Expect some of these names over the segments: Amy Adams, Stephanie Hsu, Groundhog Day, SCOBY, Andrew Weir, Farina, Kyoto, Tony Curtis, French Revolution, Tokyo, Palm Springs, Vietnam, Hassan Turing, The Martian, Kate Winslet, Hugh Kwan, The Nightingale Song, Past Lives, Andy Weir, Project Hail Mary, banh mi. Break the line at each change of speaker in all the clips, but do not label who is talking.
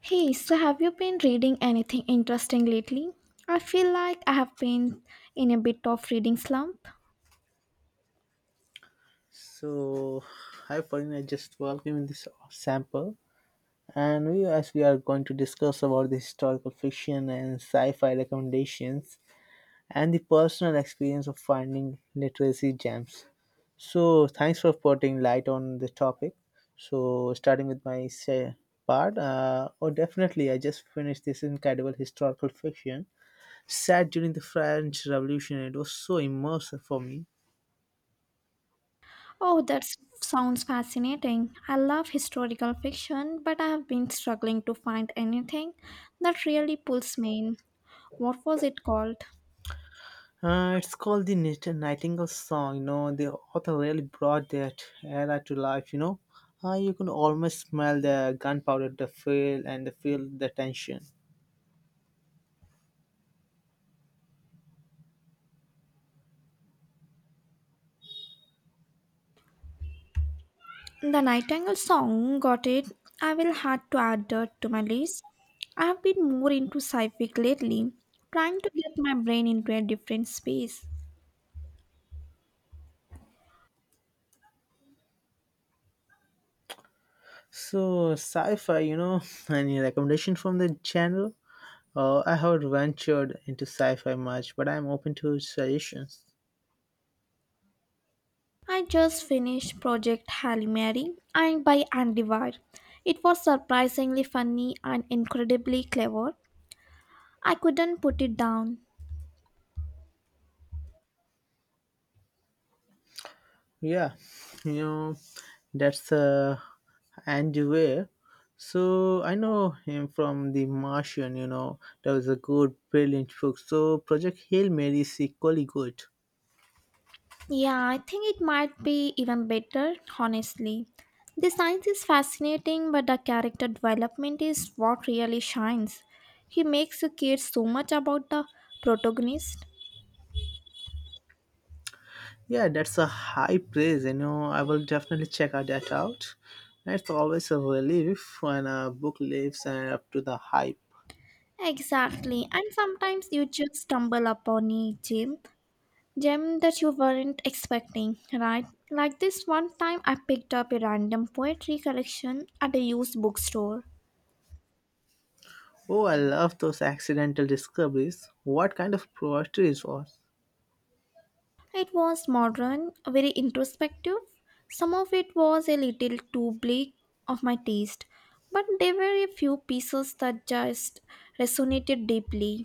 Hey, so have you been reading anything interesting lately? I feel like I have been in a bit of reading slump.
So, hi Farina, I just welcome in this sample. And we, as we are going to discuss about the historical fiction and sci-fi recommendations and the personal experience of finding literacy gems. So, thanks for putting light on the topic. So, starting with my say, definitely, I just finished this incredible historical fiction set during the French Revolution. It was so immersive for me.
Oh, sounds fascinating. I love historical fiction, but I have been struggling to find anything that really pulls me in. What was it called?
It's called the Nightingale song. The author really brought that era to life. You can almost smell the gunpowder, the feel, and the feel the tension.
The Nightingale Song, got it. I will have to add that to my list. I have been more into sci-fi lately, trying to get my brain into a different space.
So, sci-fi. Any recommendation from the genre? I haven't ventured into sci-fi much, but I'm open to suggestions.
I just finished Project Hail Mary and by Andy Weir. It was surprisingly funny and incredibly clever. I couldn't put it down.
Yeah, you know, that's Andrew Weir. So I know him from The Martian, that was a good, brilliant book. So Project Hail Mary is equally good.
Yeah, I think it might be even better, honestly. The science is fascinating, but the character development is what really shines. He makes you care so much about the protagonist.
Yeah, that's a high praise, I will definitely check out that out. It's always a relief when a book lives and up to the hype.
Exactly, and sometimes you just stumble upon a gem that you weren't expecting, right? Like this one time I picked up a random poetry collection at a used bookstore.
Oh, I love those accidental discoveries. What kind of poetry it was?
It was modern, very introspective. Some of it was a little too bleak of my taste, but there were a few pieces that just resonated deeply.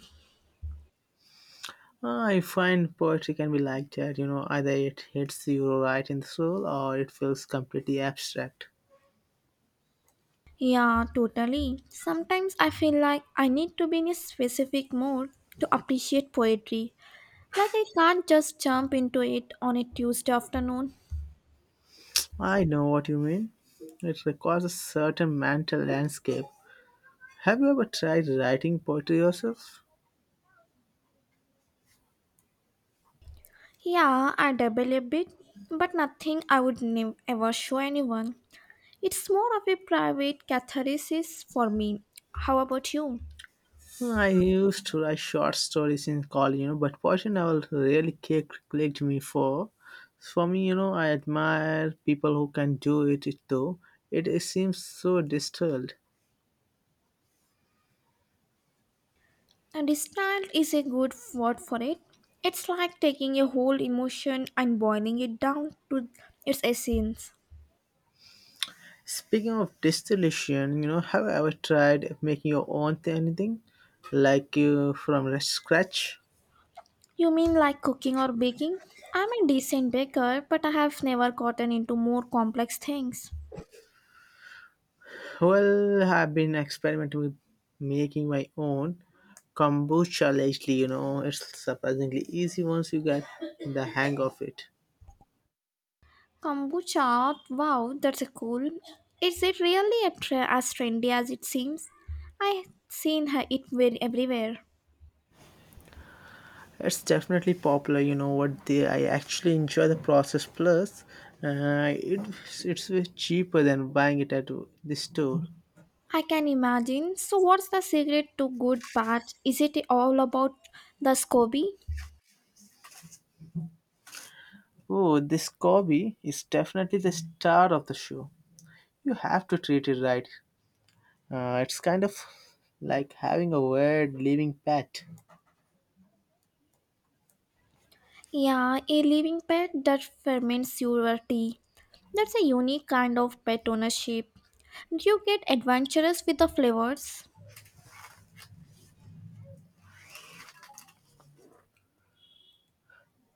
I find poetry can be like that, either it hits you right in the soul or it feels completely abstract.
Yeah, totally. Sometimes I feel like I need to be in a specific mood to appreciate poetry. Like I can't just jump into it on a Tuesday afternoon.
I know what you mean. It requires a certain mental landscape. Have you ever tried writing poetry yourself?
Yeah, I dabble a bit, but nothing I would ever show anyone. It's more of a private catharsis for me. How about you?
I used to write short stories in college, but poetry never really clicked me for. For me, I admire people who can do it, it though. It seems so distilled.
And distilled is a good word for it. It's like taking a whole emotion and boiling it down to its essence.
Speaking of distillation, have you ever tried making your own anything like from the scratch?
You mean like cooking or baking? I'm a decent baker, but I have never gotten into more complex things.
Well, I've been experimenting with making my own kombucha lately. It's surprisingly easy once you get the hang of it.
Kombucha, wow, that's a cool. Is it really a as trendy as it seems? I've seen her it everywhere.
It's definitely popular. You know what? They I actually enjoy the process. Plus, uh, it, it's way cheaper than buying it at the store.
I can imagine. So, what's the secret to good bath? Is it all about the SCOBY?
Oh, this Kobe is definitely the star of the show. You have to treat it right. It's kind of like having a weird living pet.
Yeah, a living pet that ferments your tea. That's a unique kind of pet ownership. Do you get adventurous with the flavors?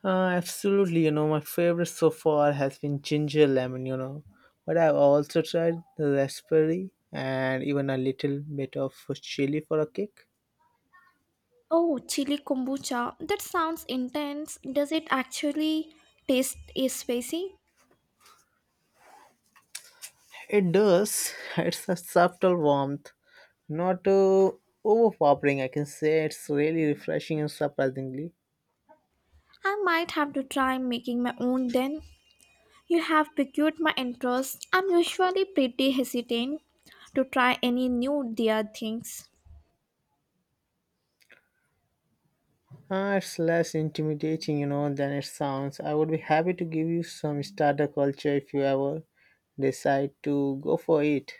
Uh, Absolutely, my favorite so far has been ginger lemon, but I've also tried raspberry and even a little bit of chili for a kick.
Oh, chili kombucha. That sounds intense. Does it actually taste is spicy?
It does, it's a subtle warmth, not overpowering. I can say it's really refreshing and surprisingly.
I might have to try making my own then. You have piqued my interest. I'm usually pretty hesitant to try any new dear things.
Ah, it's less intimidating, than it sounds. I would be happy to give you some starter culture if you ever decide to go for it.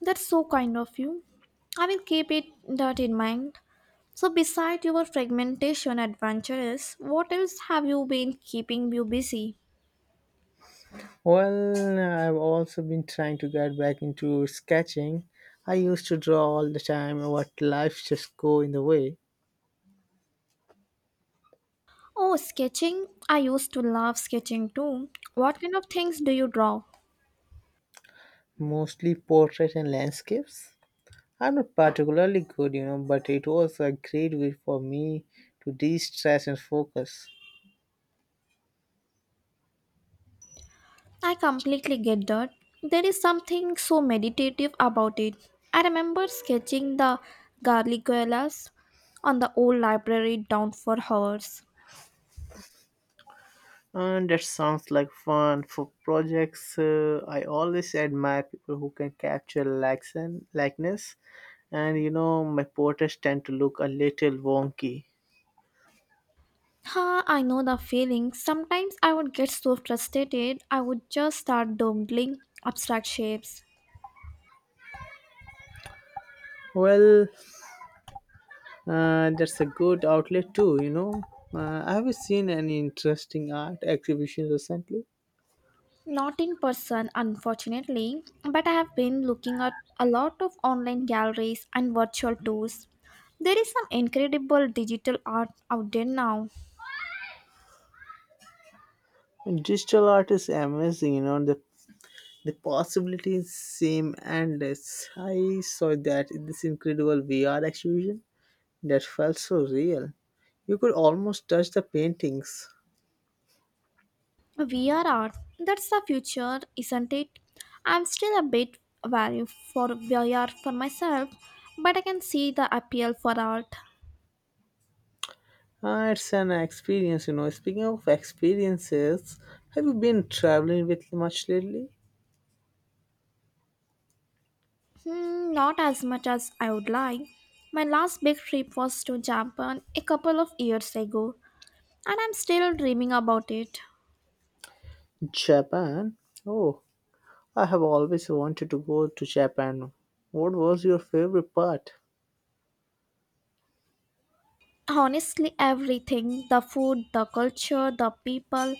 That's so kind of you. I will keep it that in mind. So beside your fragmentation adventures, what else have you been keeping you busy?
Well, I've also been trying to get back into sketching. I used to draw all the time, but life just go in the way.
Oh, sketching. I used to love sketching too. What kind of things do you draw?
Mostly portraits and landscapes. I'm not particularly good, but it was a great way for me to de-stress and focus.
I completely get that. There is something so meditative about it. I remember sketching the garlicuelas on the old library down for hours.
And that sounds like fun for projects. I always admire people who can capture likeness, and my portraits tend to look a little wonky.
Ha, I know the feeling. Sometimes I would get so frustrated, I would just start doodling abstract shapes.
Well, that's a good outlet too, Have you seen any interesting art exhibitions recently?
Not in person, unfortunately, but I have been looking at a lot of online galleries and virtual tours. There is some incredible digital art out there now.
And digital art is amazing, the possibilities seem endless. I saw that in this incredible VR exhibition. That felt so real. You could almost touch the paintings.
VR art, that's the future, isn't it? I'm still a bit wary for VR for myself, but I can see the appeal for art.
Ah, it's an experience, Speaking of experiences, have you been traveling with much lately?
Hmm, not as much as I would like. My last big trip was to Japan a couple of years ago, and I'm still dreaming about it.
Japan? Oh, I have always wanted to go to Japan. What was your favorite part?
Honestly, everything the food, the culture, the people.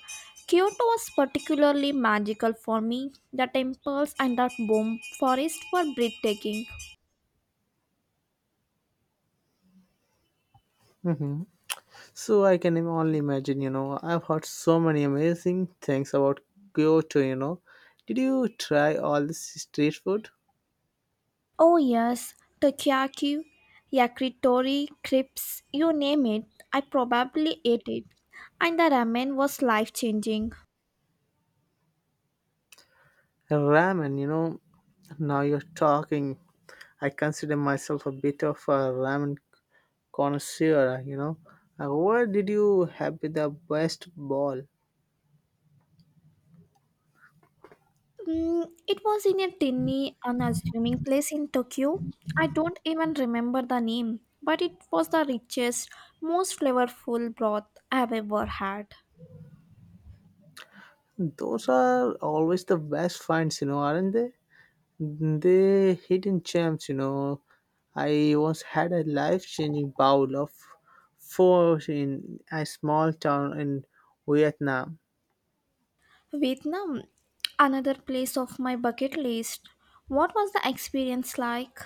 Kyoto was particularly magical for me. The temples and the bomb forest were breathtaking.
So I can only imagine, I've heard so many amazing things about Kyoto, Did you try all this street food?
Oh, yes, takoyaki, yakitori, crepes, you name it. I probably ate it. And the ramen was life changing.
Ramen, now you're talking. I consider myself a bit of a ramen connoisseur, Where did you have the best ball?
Mm, it was in a tiny, unassuming place in Tokyo. I don't even remember the name, but it was the richest, most flavorful broth I've ever had.
Those are always the best finds, aren't they? They hidden gems, I once had a life-changing bowl of four in a small town in Vietnam.
Vietnam, another place of my bucket list. What was the experience like?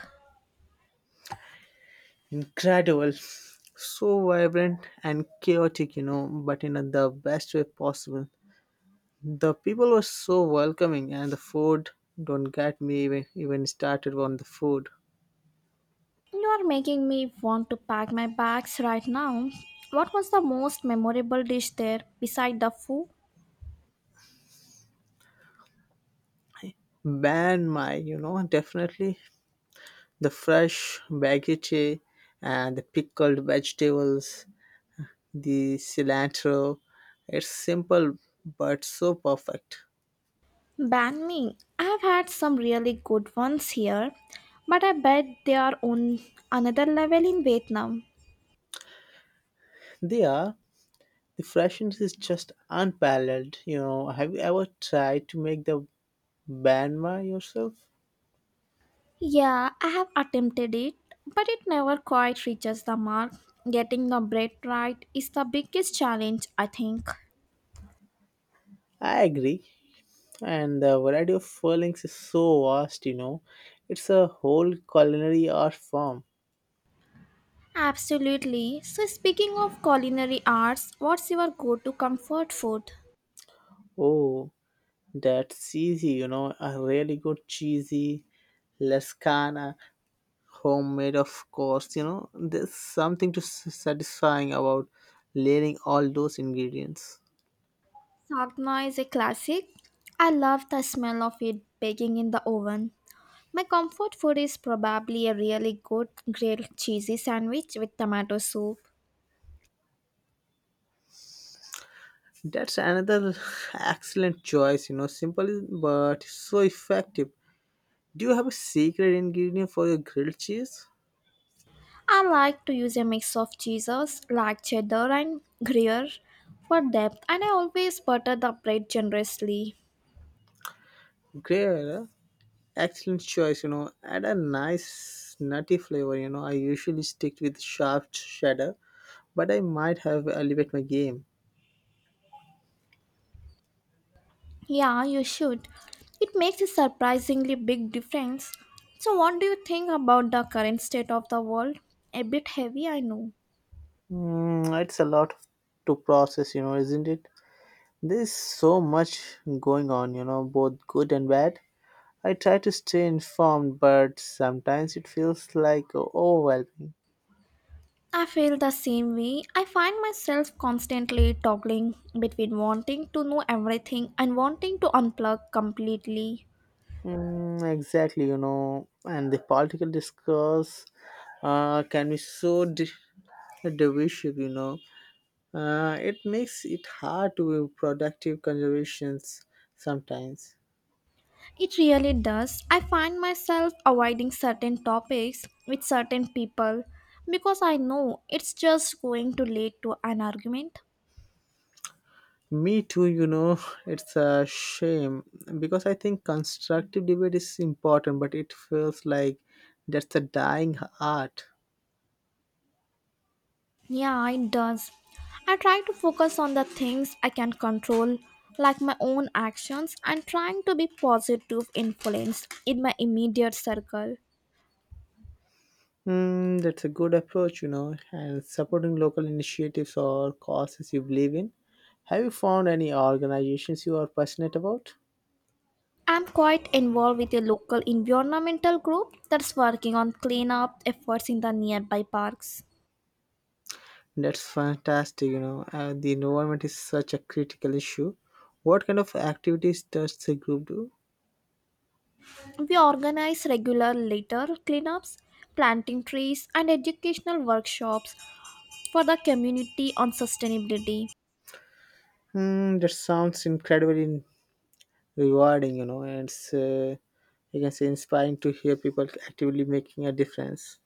Incredible. So vibrant and chaotic, but in the best way possible. The people were so welcoming, and the food, don't get me even started on the food.
You are making me want to pack my bags right now. What was the most memorable dish there beside the foo?
Ban my, definitely the fresh baguette and the pickled vegetables, the cilantro. It's simple but so perfect.
Banh mi. I've had some really good ones here, but I bet they are on another level in Vietnam.
They are the freshness is just unparalleled. You know, have you ever tried to make the Banma yourself?
Yeah, I have attempted it, but it never quite reaches the mark. Getting the bread right is the biggest challenge, I think.
I agree. And the variety of furlings is so vast, It's a whole culinary art form.
Absolutely. So, speaking of culinary arts, what's your go to comfort food?
Oh, that's easy, A really good cheesy lascana, homemade, of course. There's something to satisfying about layering all those ingredients.
Sagna is a classic. I love the smell of it baking in the oven. My comfort food is probably a really good grilled cheesy sandwich with tomato soup.
That's another excellent choice, simple but so effective. Do you have a secret ingredient for your grilled cheese?
I like to use a mix of cheeses like cheddar and gruyere for depth, and I always butter the bread generously.
Great, eh? Excellent choice, add a nice nutty flavor, I usually stick with sharp cheddar, but I might have elevate my game.
Yeah, you should. It makes a surprisingly big difference. So, what do you think about the current state of the world? A bit heavy, I know.
Mm, it's a lot to process, isn't it? There's so much going on, both good and bad. I try to stay informed, but sometimes it feels like overwhelming.
I feel the same way. I find myself constantly toggling between wanting to know everything and wanting to unplug completely.
Mm, exactly, and the political discourse can be so divisive, It makes it hard to be productive conversations sometimes.
It really does. I find myself avoiding certain topics with certain people because I know it's just going to lead to an argument.
Me too, it's a shame because I think constructive debate is important, but it feels like that's a dying art.
Yeah, it does. I try to focus on the things I can control, like my own actions, and trying to be positive influence in my immediate circle.
Mm, that's a good approach, and supporting local initiatives or causes you believe in. Have you found any organizations you are passionate about?
I'm quite involved with a local environmental group that's working on cleanup efforts in the nearby parks.
That's fantastic, The environment is such a critical issue. What kind of activities does the group do?
We organize regular litter cleanups, planting trees, and educational workshops for the community on sustainability.
Hmm, that sounds incredibly rewarding, and I can say inspiring to hear people actively making a difference.